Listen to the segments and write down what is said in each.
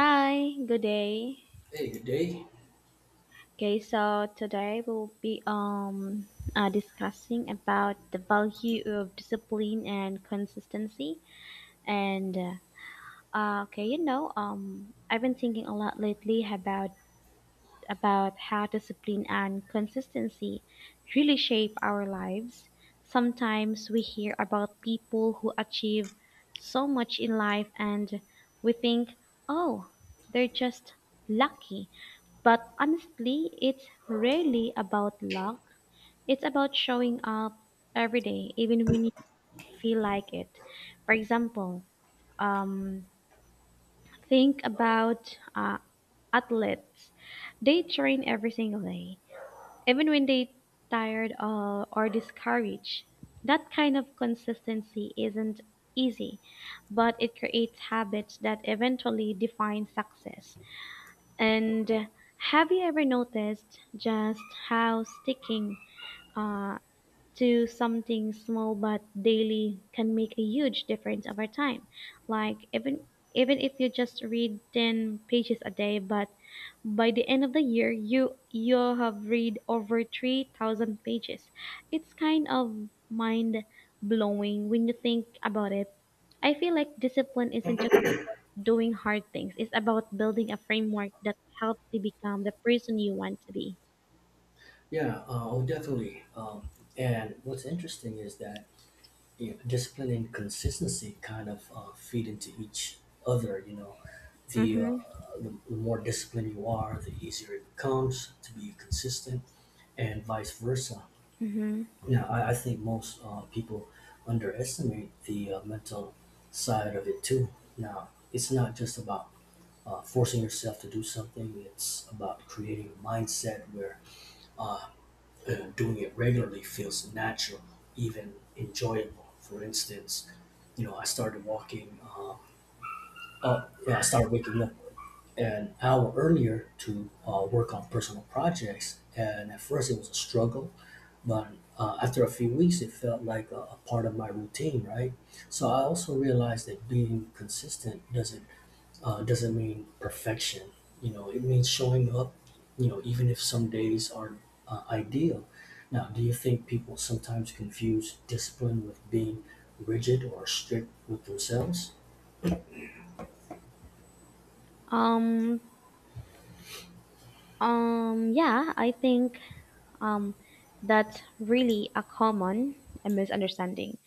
Hi, good day. Hey, good day. Okay, so today we'll be discussing about the value of discipline and consistency. And okay, you know, I've been thinking a lot lately about how discipline and consistency really shape our lives. Sometimes we hear about people who achieve so much in life, and we think, oh, they're just lucky. But honestly, it's rarely about luck. It's about showing up every day, even when you feel like it. For example, um, think about athletes. They train every single day, even when they tired or discouraged. That kind of consistency isn't easy, but it creates habits that eventually define success. And have you ever noticed just how sticking uh, to something small but daily can make a huge difference over time? Like even if you just read 10 pages a day, but by the end of the year you have read over 3,000 pages. It's kind of mind blowing when you think about it. I feel like discipline isn't just doing hard things. It's about building a framework that helps you become the person you want to be. Yeah, definitely. And what's interesting is that you know, discipline and consistency kind of feed into each other. You know, the, uh, Mm-hmm. the more disciplined you are, the easier it becomes to be consistent, and vice versa. Mm-hmm. Now, I think most people underestimate the mental side of it too. Now, it's not just about forcing yourself to do something; it's about creating a mindset where uh, doing it regularly feels natural, even enjoyable. For instance, you know, I started waking up an hour earlier to work on personal projects. And at first, it was a struggle, but after a few weeks, it felt like a part of my routine, right? So I also realized that being consistent doesn't mean perfection. You know, it means showing up, you know, even if some days are ideal. Now, do you think people sometimes confuse discipline with being rigid or strict with themselves? Um, yeah, I think um, that's really a common misunderstanding.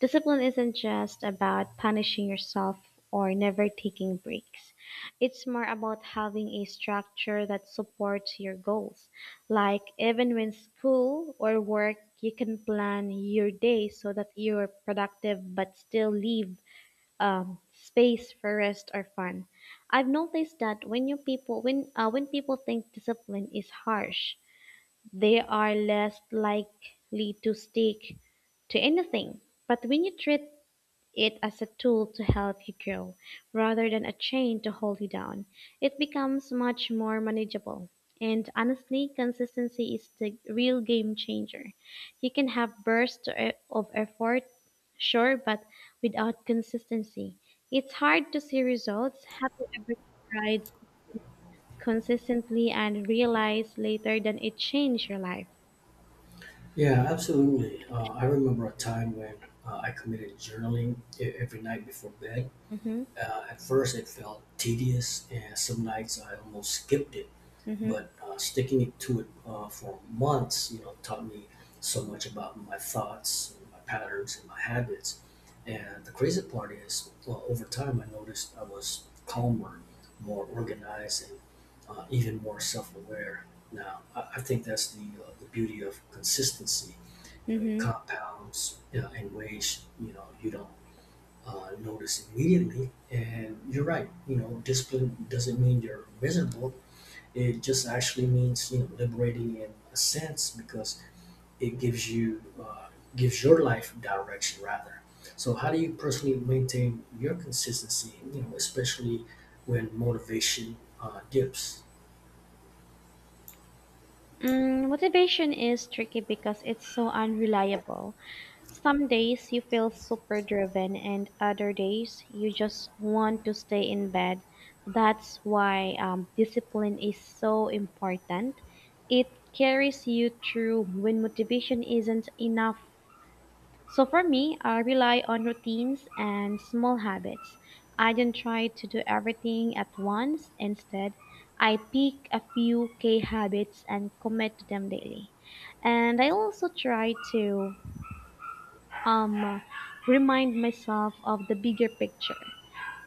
Discipline isn't just about punishing yourself or never taking breaks. It's more about having a structure that supports your goals. Like even when school or work, you can plan your day so that you're productive but still leave space for rest or fun. I've noticed that when you people when people think discipline is harsh, they are less likely to stick to anything. But when you treat it as a tool to help you grow rather than a chain to hold you down. It becomes much more manageable. And honestly, consistency is the real game changer. You can have of effort, sure, but without consistency, it's hard to see results. Have you ever tried consistently and realized later that it changed your life? Yeah, absolutely. I remember a time when I committed journaling every night before bed. Mm-hmm. At first, it felt tedious, and some nights I almost skipped it, Mm-hmm. but sticking it to it for months, you know, taught me so much about my thoughts, and my patterns, and my habits. And the crazy part is, well, over time, I noticed I was calmer, more organized, and even more self-aware. Now, I think that's the beauty of consistency. You know, it Mm-hmm. compounds you in ways you know you don't notice immediately. And you're right. You know, discipline doesn't mean you're miserable, it just actually means you know liberating in a sense because it gives you gives your life direction rather. So how do you personally maintain your consistency? You know, especially when motivation dips. Mm, motivation is tricky because it's so unreliable. Some days you feel super driven and other days you just want to stay in bed. That's why discipline is so important. It carries you through when motivation isn't enough. So for me, I rely on routines and small habits. I don't try to do everything at once. Instead, I pick a few K habits and commit to them daily. And I also try to um, remind myself of the bigger picture.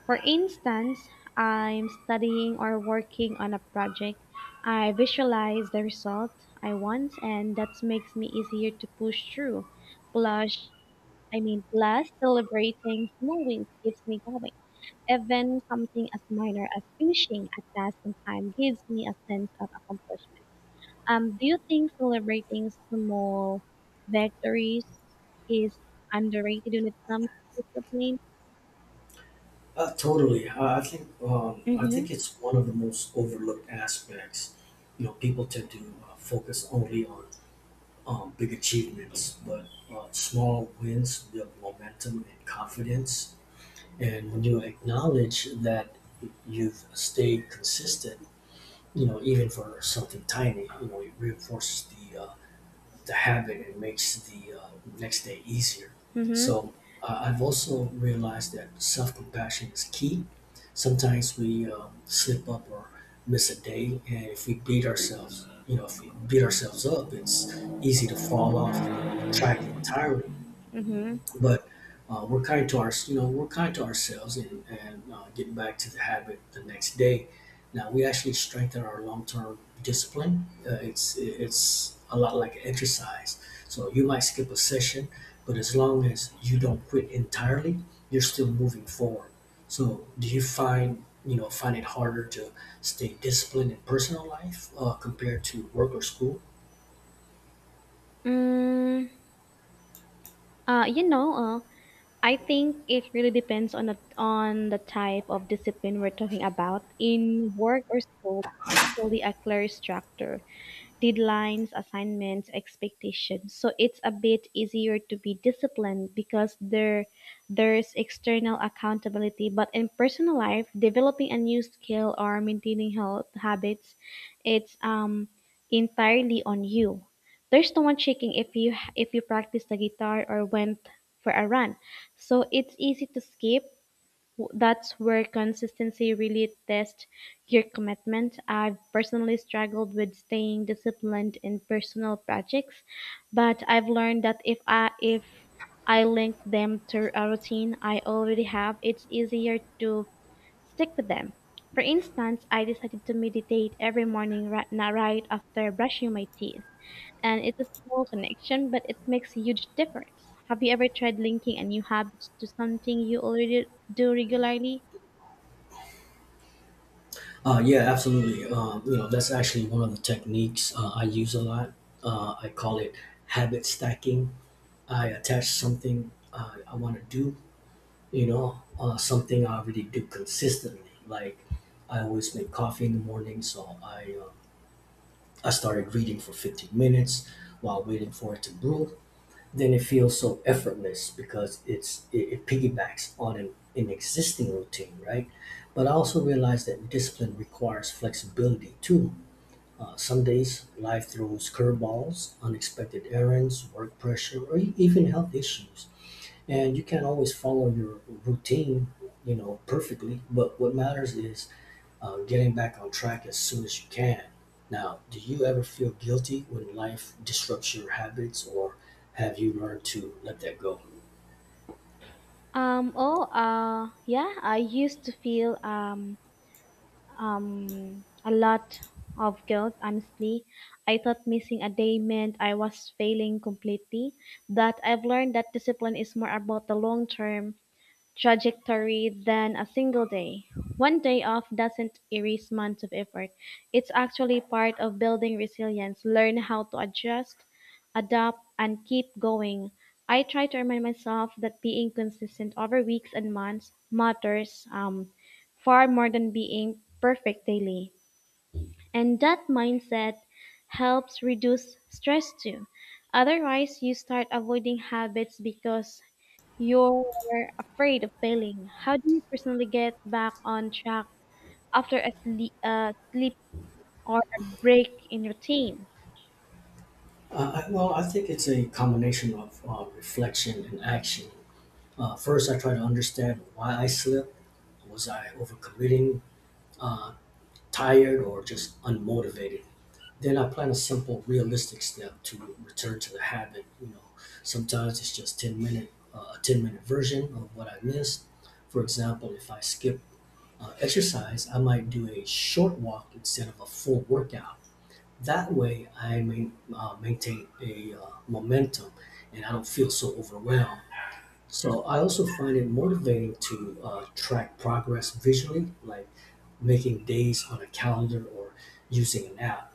For instance, I'm studying or working on a project. I visualize the result I want, and that makes me easier to push through. Plus, Plus celebrating small wins keeps me going. Even something as minor as finishing a task on time gives me a sense of accomplishment. Do you think celebrating small victories is underrated when it comes to discipline? Totally. I Mhm. think it's one of the most overlooked aspects. You know, people tend to focus only on big achievements, but small wins build momentum and confidence. And when you acknowledge that you've stayed consistent, you know, even for something tiny, you know, it reinforces the habit and makes the next day easier. Mhm. So I've also realized that self compassion is key. Sometimes we slip up or miss a day, and if we beat ourselves, you know, if we beat ourselves up, it's easy to fall off, you know, the track entirely, Mhm. but we're kind to ourselves, and getting back to the habit the next day, now we actually strengthen our long-term discipline. It's a lot like exercise. So you might skip a session, but as long as you don't quit entirely, you're still moving forward. So do you find you know find it harder to stay disciplined in personal life compared to work or school? Mm, Uh, you know, uh, I think it really depends on the type of discipline we're talking about. In work or school, usually a clear structure. Deadlines, assignments, expectations. So it's a bit easier to be disciplined because there's external accountability. But in personal life, developing a new skill or maintaining health habits, it's entirely on you. There's no one checking if you practice the guitar or went for a run. So it's easy to that's where consistency really tests your commitment. I've personally struggled with staying disciplined in personal projects, but I've learned that if I link them to a routine I already have, it's easier to stick with them. For instance, I decided to meditate every morning right after brushing my teeth. And it's a small connection, but it makes a huge difference. Have you ever tried linking a new habit to something you already do regularly? Yeah, absolutely. You know, that's actually one of the techniques I use a lot. I call it habit stacking. I attach something I want to do, something I already do consistently. Like I always make coffee in the morning, so I started reading for 15 minutes while waiting for it to brew. Then it feels so effortless because it piggybacks on an existing routine, right? But I also realize that discipline requires flexibility too. Some days, life throws curveballs, unexpected errands, work pressure, or even health issues. And you can't always follow your routine, you know, perfectly. But what matters is getting back on track as soon as you can. Now, do you ever feel guilty when life disrupts your habits, or have you learned to let that go? Oh, yeah, I used to feel a lot of guilt, honestly. I thought missing a day meant I was failing completely, but I've learned that discipline is more about the long term trajectory than a single day. One day off doesn't erase months of effort. It's actually part of building resilience. Learn how to adjust, adapt, and keep going. I try to remind myself that being consistent over weeks and months matters far more than being perfect daily. And that mindset helps reduce stress too. Otherwise, you start avoiding habits because you're afraid of failing. How do you personally get back on track after sleep or a break in routine? Well, I think it's a combination of reflection and action. First, I try to understand why I slipped. Was I overcommitting? Uh, Tired or just unmotivated? Then I plan a simple, realistic step to return to the habit. You know, sometimes it's just 10-minute version of what I missed. For example, if I skip exercise, I might do a short walk instead of a full workout. That way, maintain a momentum and I don't feel so overwhelmed. So I also find it motivating to track progress visually, like making days on a calendar or using an app.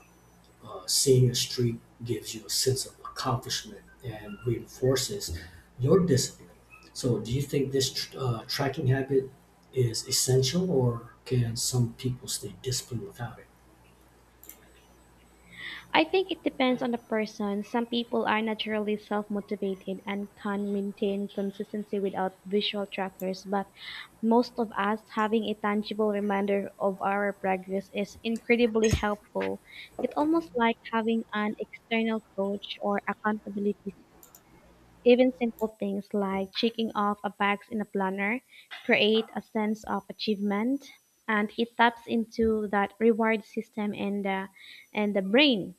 Seeing a streak gives you a sense of accomplishment and reinforces your discipline. So, do you think this tracking habit is essential, or can some people stay disciplined without it? I think it depends on the person. Some people are naturally self motivated and can maintain consistency without visual trackers, but most of us having a tangible reminder of our progress is incredibly helpful. It's almost like having an external coach or accountability. Even simple things like checking off a box in a planner create a sense of achievement and it taps into that reward system and the brain.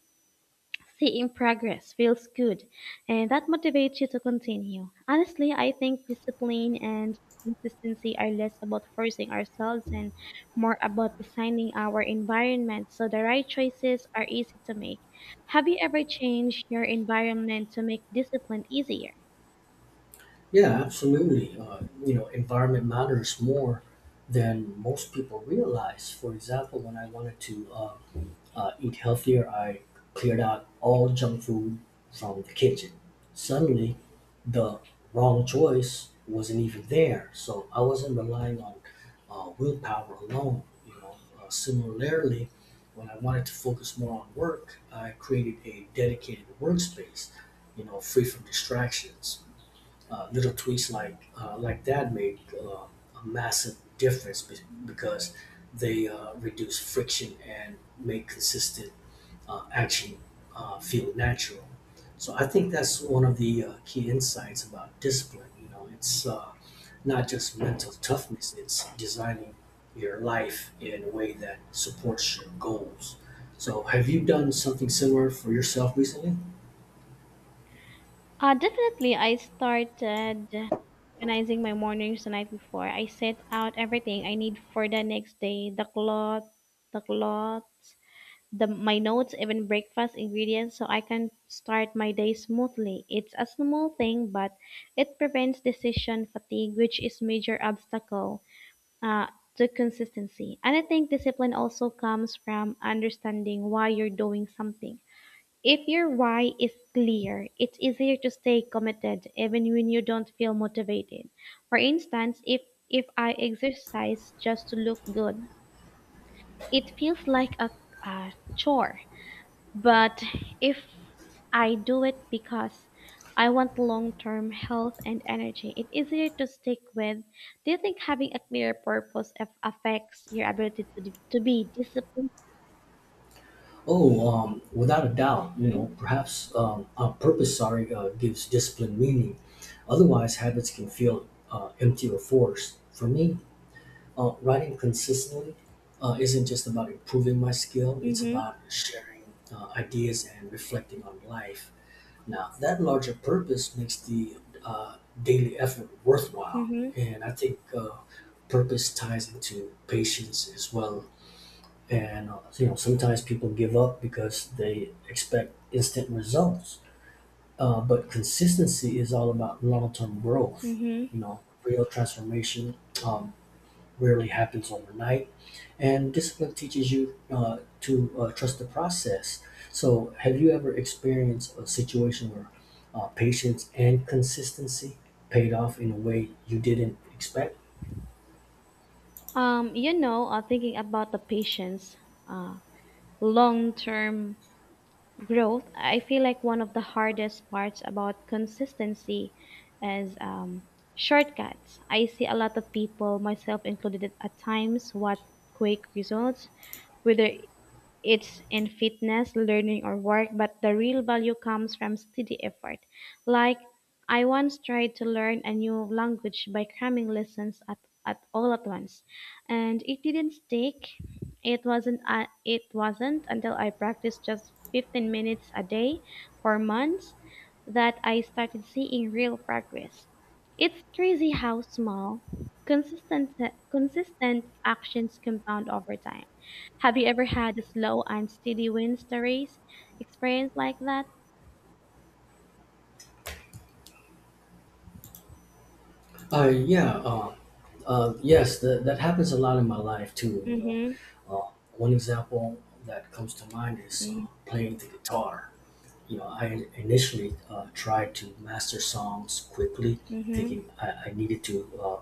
Seeing progress feels good and that motivates you to continue. Honestly, I think discipline and consistency are less about forcing ourselves and more about designing our environment so the right choices are easy to make. Have you ever changed your environment to make discipline easier? Yeah, absolutely. You know, environment matters more than most people realize. For example, when I wanted to eat healthier, I cleared out all junk food from the kitchen. Suddenly, the wrong choice wasn't even there. So I wasn't relying on willpower alone. You know, similarly, when I wanted to focus more on work, I created a dedicated workspace. You know, free from distractions. Little tweaks like that make a massive difference, because they reduce friction and make consistent action feel natural. So I think that's one of the key insights about discipline. You know, it's not just mental toughness; it's designing your life in a way that supports your goals. So, have you done something similar for yourself recently? Definitely, I started organizing my mornings the night before. I set out everything I need for the next day: the clothes, the my notes, even breakfast ingredients, so I can start my day smoothly. It's a small thing, but it prevents decision fatigue, which is major obstacle uh, to consistency. And I think discipline also comes from understanding why you're doing something. If your why is clear, it's easier to stay committed even when you don't feel motivated. For instance, if I exercise just to look good, it feels like a chore. But if I do it because I want long-term health and energy, it's easier to stick with. Do you think having a clear purpose affects your ability to, to be disciplined? Oh, without a doubt, you know, perhaps on purpose, sorry, gives discipline meaning. Otherwise, habits can feel empty or forced. For me, writing consistently isn't just about improving my skill, it's Mm-hmm. about sharing ideas and reflecting on life. Now, that larger purpose makes the uh, daily effort worthwhile. Mm-hmm. And I think purpose ties into patience as well, and you know, sometimes people give up because they expect instant results. But consistency is all about long-term growth. Mm-hmm. You know, real transformation um, rarely happens overnight, and discipline teaches you to trust the process. So, have you ever experienced a situation where patience and consistency paid off in a way you didn't expect? Thinking about the patient's uh, long term growth, I feel like one of the hardest parts about consistency is shortcuts. I see a lot of people, myself included, at times, what quick results, whether it's in fitness, learning, or work, but the real value comes from steady effort. Like, I once tried to learn a new language by cramming lessons at all at once, and it didn't stick. It wasn't until I practiced just 15 minutes a day for months that I started seeing real progress. It's crazy how small, consistent, consistent actions compound over time. Have you ever had a slow and steady wins the race experience like that? Uh, yeah, uh, yes, that happens a lot in my life too. You know, Mm-hmm. uh, one example that comes to mind is playing the guitar. You know, I initially tried to master songs quickly, Mm-hmm. thinking I needed to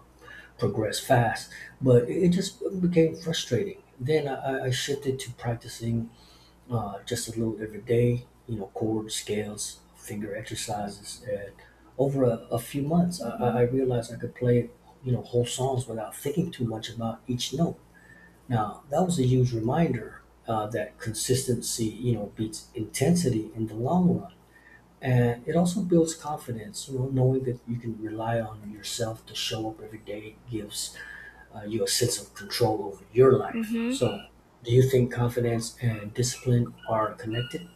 progress fast, but it just became frustrating. Then I shifted to practicing just a little every day, you know, chords, scales, finger exercises. And over a few months, I Mm-hmm. realized I could play, you know, whole songs without thinking too much about each note. Now, that was a huge reminder that consistency, you know, beats intensity in the long run. And it also builds confidence, you know, knowing that you can rely on yourself to show up every day gives you a sense of control over your life. Mm-hmm. So, do you think confidence and discipline are connected?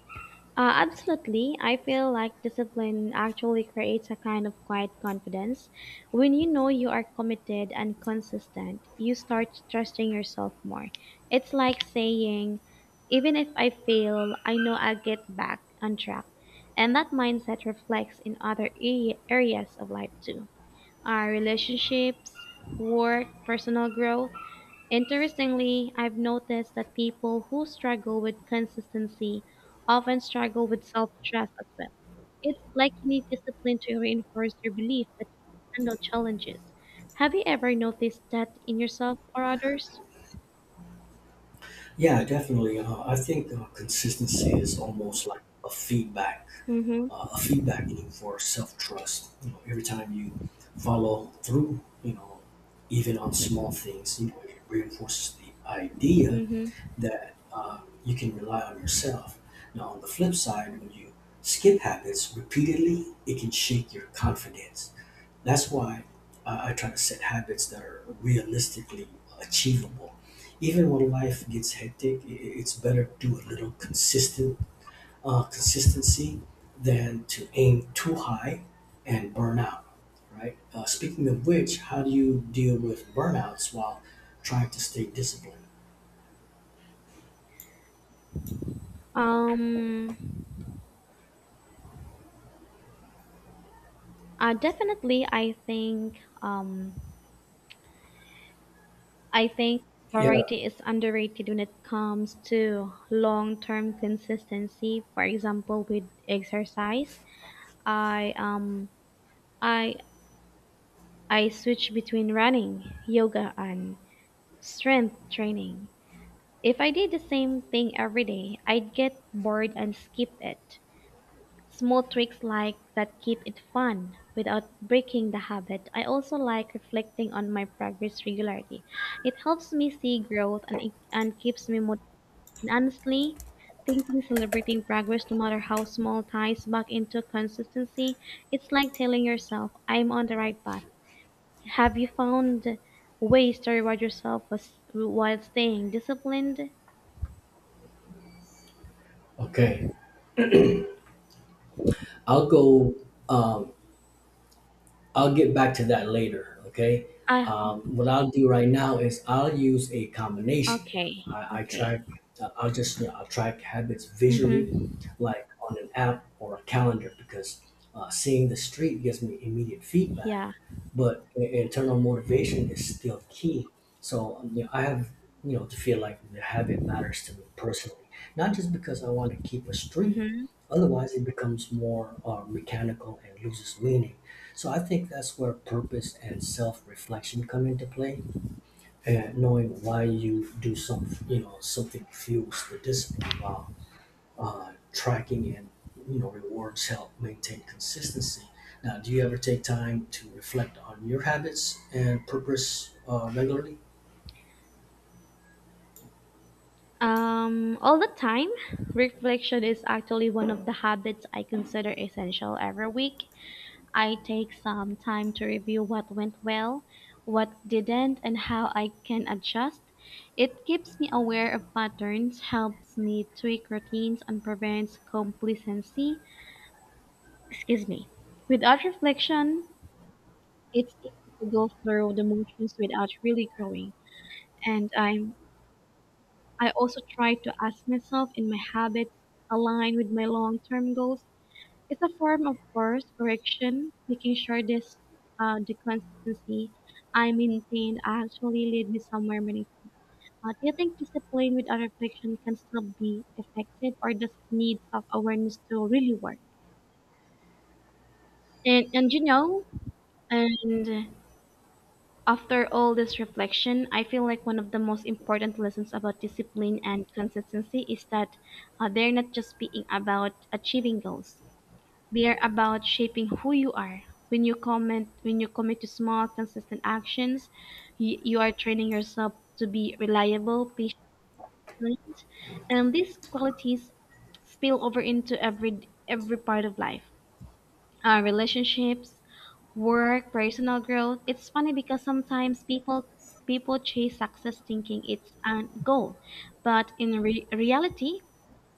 Absolutely. I feel like discipline actually creates a kind of quiet confidence. When you know you are committed and consistent, you start trusting yourself more. It's like saying, even if I fail, I know I'll get back on track. And that mindset reflects in other areas of life too. Our relationships, work, personal growth. Interestingly, I've noticed that people who struggle with consistency often struggle with self trust as well. It's like you need discipline to reinforce your belief that you can handle challenges. Have you ever noticed that in yourself or others? Yeah, definitely. I think consistency is almost like Mm-hmm. A feedback loop for self trust. You know, every time you follow through, you know, even on small things, you know, it reinforces the idea Mm-hmm. that you can rely on yourself. Now, on the flip side, when you skip habits repeatedly, it can shake your confidence. That's why I try to set habits that are realistically achievable. Even when life gets hectic, it's better to do a little consistent consistency than to aim too high and burn out. Right. Speaking of which, how do you deal with burnouts while trying to stay disciplined? Um, Definitely, I think Yeah. variety is underrated when it comes to long term consistency. For example, with exercise, I um I I switch between running, yoga and strength training. If I did the same thing every day, I'd get bored and skip it. Small tricks like that keep it fun without breaking the habit. I also like reflecting on my progress regularly. It helps me see growth and keeps me. And honestly, thinking celebrating progress, no matter how small, ties back into consistency. It's like telling yourself, I'm on the right path. Have you found ways to reward yourself while staying disciplined? Okay. I'll go. Um, I'll get back to that later. Okay. Uh, What I'll do right now is I'll use a combination. okay, I okay. track. I'll just you know, I'll track habits visually, Mm-hmm. like on an app or a calendar, because seeing the street gives me immediate feedback. Yeah. But internal motivation is still key. So you know, to feel like the habit matters to me personally, not just because I want to keep a streak. Mm-hmm. Otherwise, it becomes more mechanical and loses meaning. So I think that's where purpose and self-reflection come into play, and knowing why you do something fuels the discipline while tracking and you know rewards help maintain consistency. Now, do you ever take time to reflect on your habits and purpose regularly? All the time, reflection is actually one of the habits I consider essential every week. I take some time to review what went well, what didn't, and how I can adjust. It keeps me aware of patterns, helps me tweak routines, and prevents complacency. Excuse me. Without reflection, it's easy to go through the motions without really growing. And I also try to ask myself in my habits align with my long-term goals. It's a form of course correction, making sure this the consistency I maintained actually lead me somewhere meaningful. Do you think discipline without reflection can still be effective, or does it need self awareness to really work? And and you know, and after all this reflection, I feel like one of the most important lessons about discipline and consistency is that they're not just being about achieving goals. They are about shaping who you are. When you commit to small, consistent actions, you are training yourself to be reliable, patient, and these qualities spill over into every part of life. Relationships, work, personal growth. It's funny because sometimes people chase success thinking it's a goal, but reality,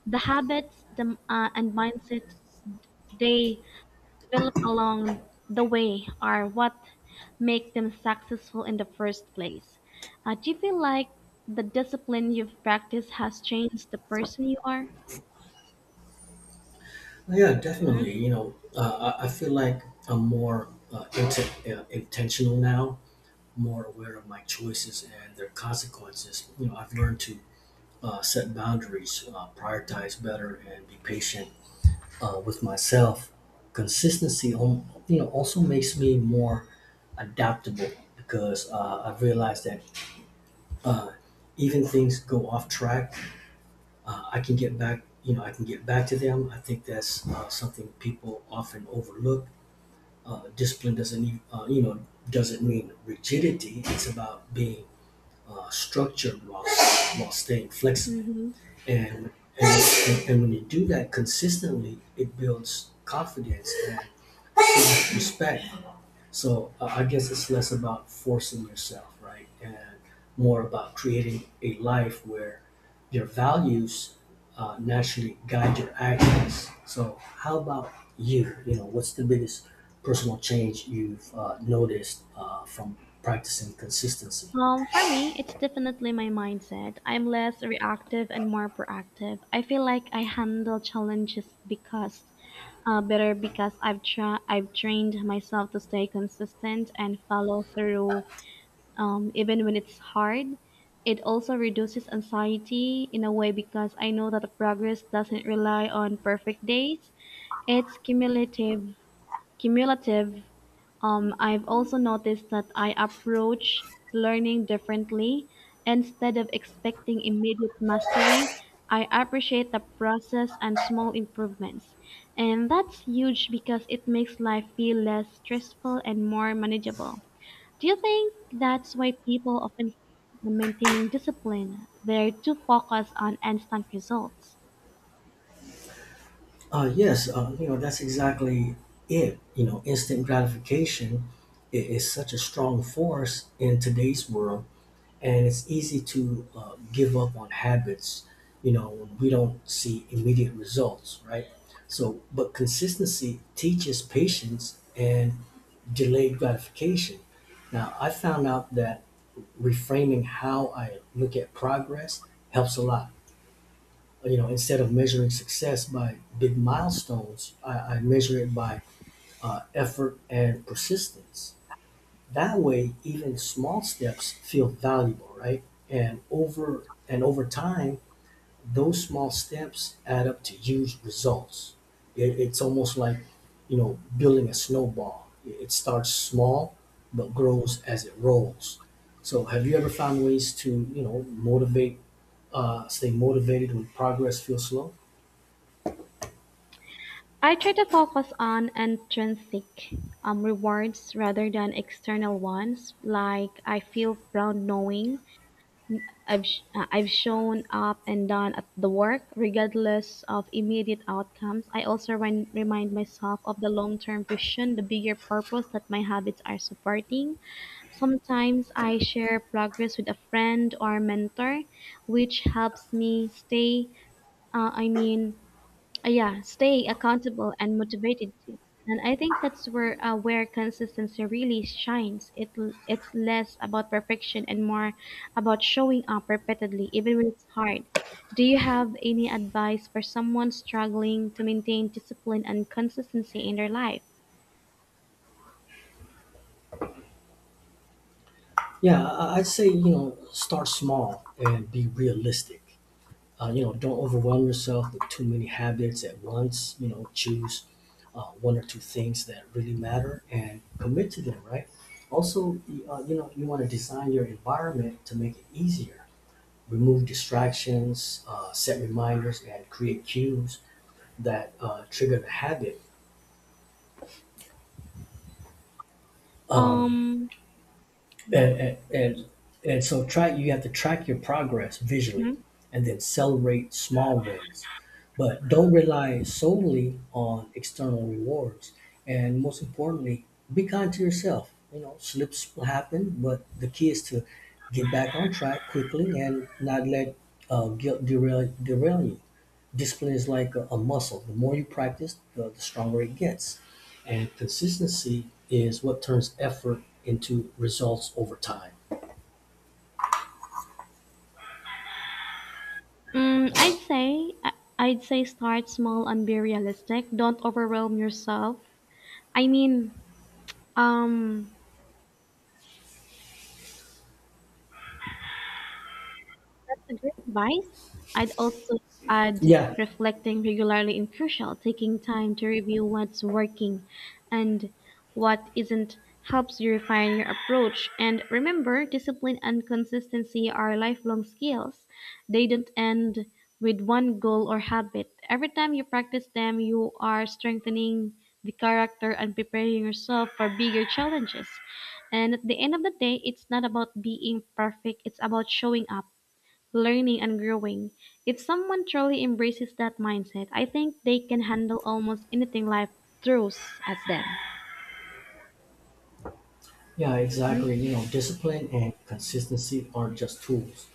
the habits, the and mindset they develop along the way are what make them successful in the first place. Do you feel like the discipline you've practiced has changed the person you are? Yeah, definitely. You know, I feel like I'm more intentional now, more aware of my choices and their consequences. You know, I've learned to set boundaries, prioritize better, and be patient with myself. Consistency, also makes me more adaptable because I've realized that uh, even things go off track, I can get back. You know, I can get back to them. I think that's something people often overlook. Discipline doesn't, e- you know, doesn't mean rigidity. It's about being structured while staying flexible. Mm-hmm. And, and when you do that consistently, it builds confidence and respect. So I guess it's less about forcing yourself, right? And more about creating a life where your values naturally guide your actions. So, how about you? What's the biggest personal change you've noticed from practicing consistency? For me, it's definitely my mindset. I'm less reactive and more proactive. I feel like I handle challenges because better because I've trained myself to stay consistent and follow through even when it's hard. It also reduces anxiety in a way because I know that the progress doesn't rely on perfect days. It's cumulative. I've also noticed that I approach learning differently. Instead of expecting immediate mastery, I appreciate the process and small improvements. And that's huge because it makes life feel less stressful and more manageable. Do you think that's why people often fail in maintaining discipline? They're too focused on instant results. Yes, that's exactly it. You know, instant gratification is such a strong force in today's world, and it's easy to give up on habits, you know, when we don't see immediate results, right? So, but consistency teaches patience and delayed gratification. Now, I found out that reframing how I look at progress helps a lot, you know, instead of measuring success by big milestones, I measure it by effort and persistence. That way, even small steps feel valuable, right? And over time, those small steps add up to huge results. It's almost like, you know, building a snowball. It starts small, but grows as it rolls. So, have you ever found ways to, stay motivated when progress feels slow? I try to focus on intrinsic rewards rather than external ones. Like I feel proud knowing I've shown up and done at the work, regardless of immediate outcomes. I also remind myself of the long-term vision, the bigger purpose that my habits are supporting. Sometimes I share progress with a friend or mentor, which helps me stay. Uh, I mean yeah, stay accountable and motivated too. And I think that's where consistency really shines. It's less about perfection and more about showing up repeatedly, even when it's hard. Do you have any advice for someone struggling to maintain discipline and consistency in their life? Yeah, I'd say, you know, start small and be realistic. You know, don't overwhelm yourself with too many habits at once. You know, choose one or two things that really matter and commit to them, right? Also, you know, you want to design your environment to make it easier. Remove distractions, set reminders, and create cues that trigger the habit. Um, Um, and and and so track You have to track your progress visually mhm. and then celebrate small wins, but don't rely solely on external rewards. And most importantly, be kind to yourself. You know, slips will happen, but the key is to get back on track quickly and not let guilt derail you. Discipline is like a muscle. The more you practice, the stronger it gets, and consistency is what turns effort into results over time. mm, I'd say I- I'd say start small and be realistic. Don't overwhelm yourself. I mean, um, That's a great advice. I'd also add Yeah. reflecting regularly and crucial, taking time to review what's working and what isn't helps you refine your approach. And remember, discipline and consistency are lifelong skills. They don't end with one goal or habit. Every time you practice them, you are strengthening the character and preparing yourself for bigger challenges. And at the end of the day, it's not about being perfect, it's about showing up learning and growing. If someone truly embraces that mindset, I think they can handle almost anything life throws at them. Yeah, exactly. You know, discipline and consistency are just tools.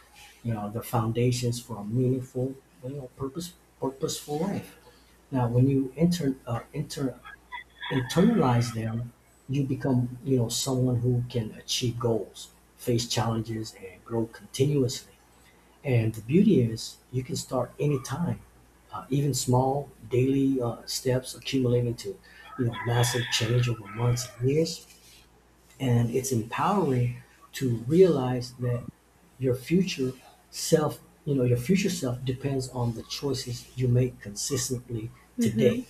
You know, the foundations for a meaningful, you know, purpose purposeful life. Now, when you internalize them, you become, you know, someone who can achieve goals, face challenges, and grow continuously. And the beauty is, you can start anytime. Even small daily steps accumulate into, you know, massive change over months and years. And it's empowering to realize that your future your future self depends on the choices you make consistently Mm-hmm. today.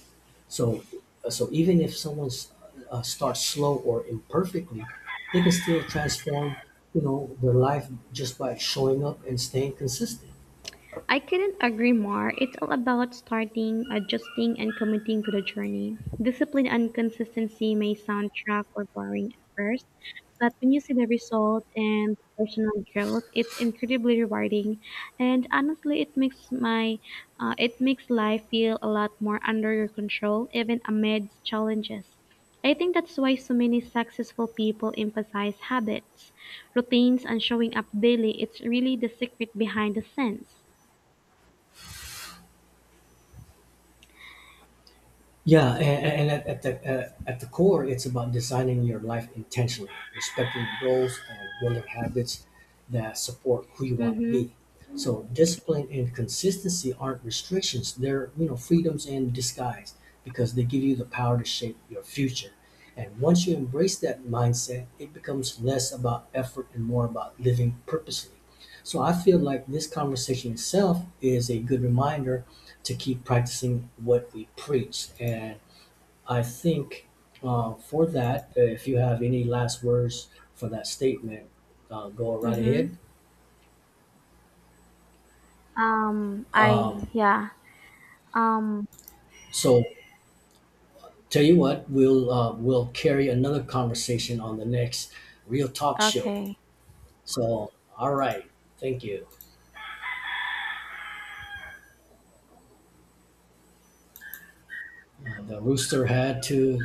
So, so even if someone starts slow or imperfectly, they can still transform, you know, their life just by showing up and staying consistent. I couldn't agree more. It's all about starting, adjusting, and committing to the journey. Discipline and consistency may sound track or boring at first, but when you see the result and personal growth, it's incredibly rewarding. And honestly, it makes my it makes life feel a lot more under your control, even amid challenges. I think that's why so many successful people emphasize habits, routines, and showing up daily. It's really the secret behind the sense. Yeah, at the core, it's about designing your life intentionally, respecting your goals, and building habits that support who you want to Mhm. be. So discipline and consistency aren't restrictions; they're, you know, freedoms in disguise because they give you the power to shape your future. And once you embrace that mindset, it becomes less about effort and more about living purposely. So I feel like this conversation itself is a good reminder to keep practicing what we preach. And I think for that, if you have any last words for that statement, go right Mhm. ahead. I Um, yeah. Um, so, Tell you what, we'll carry another conversation on the next Real Talk show. okay. So, all right, thank you. The rooster had to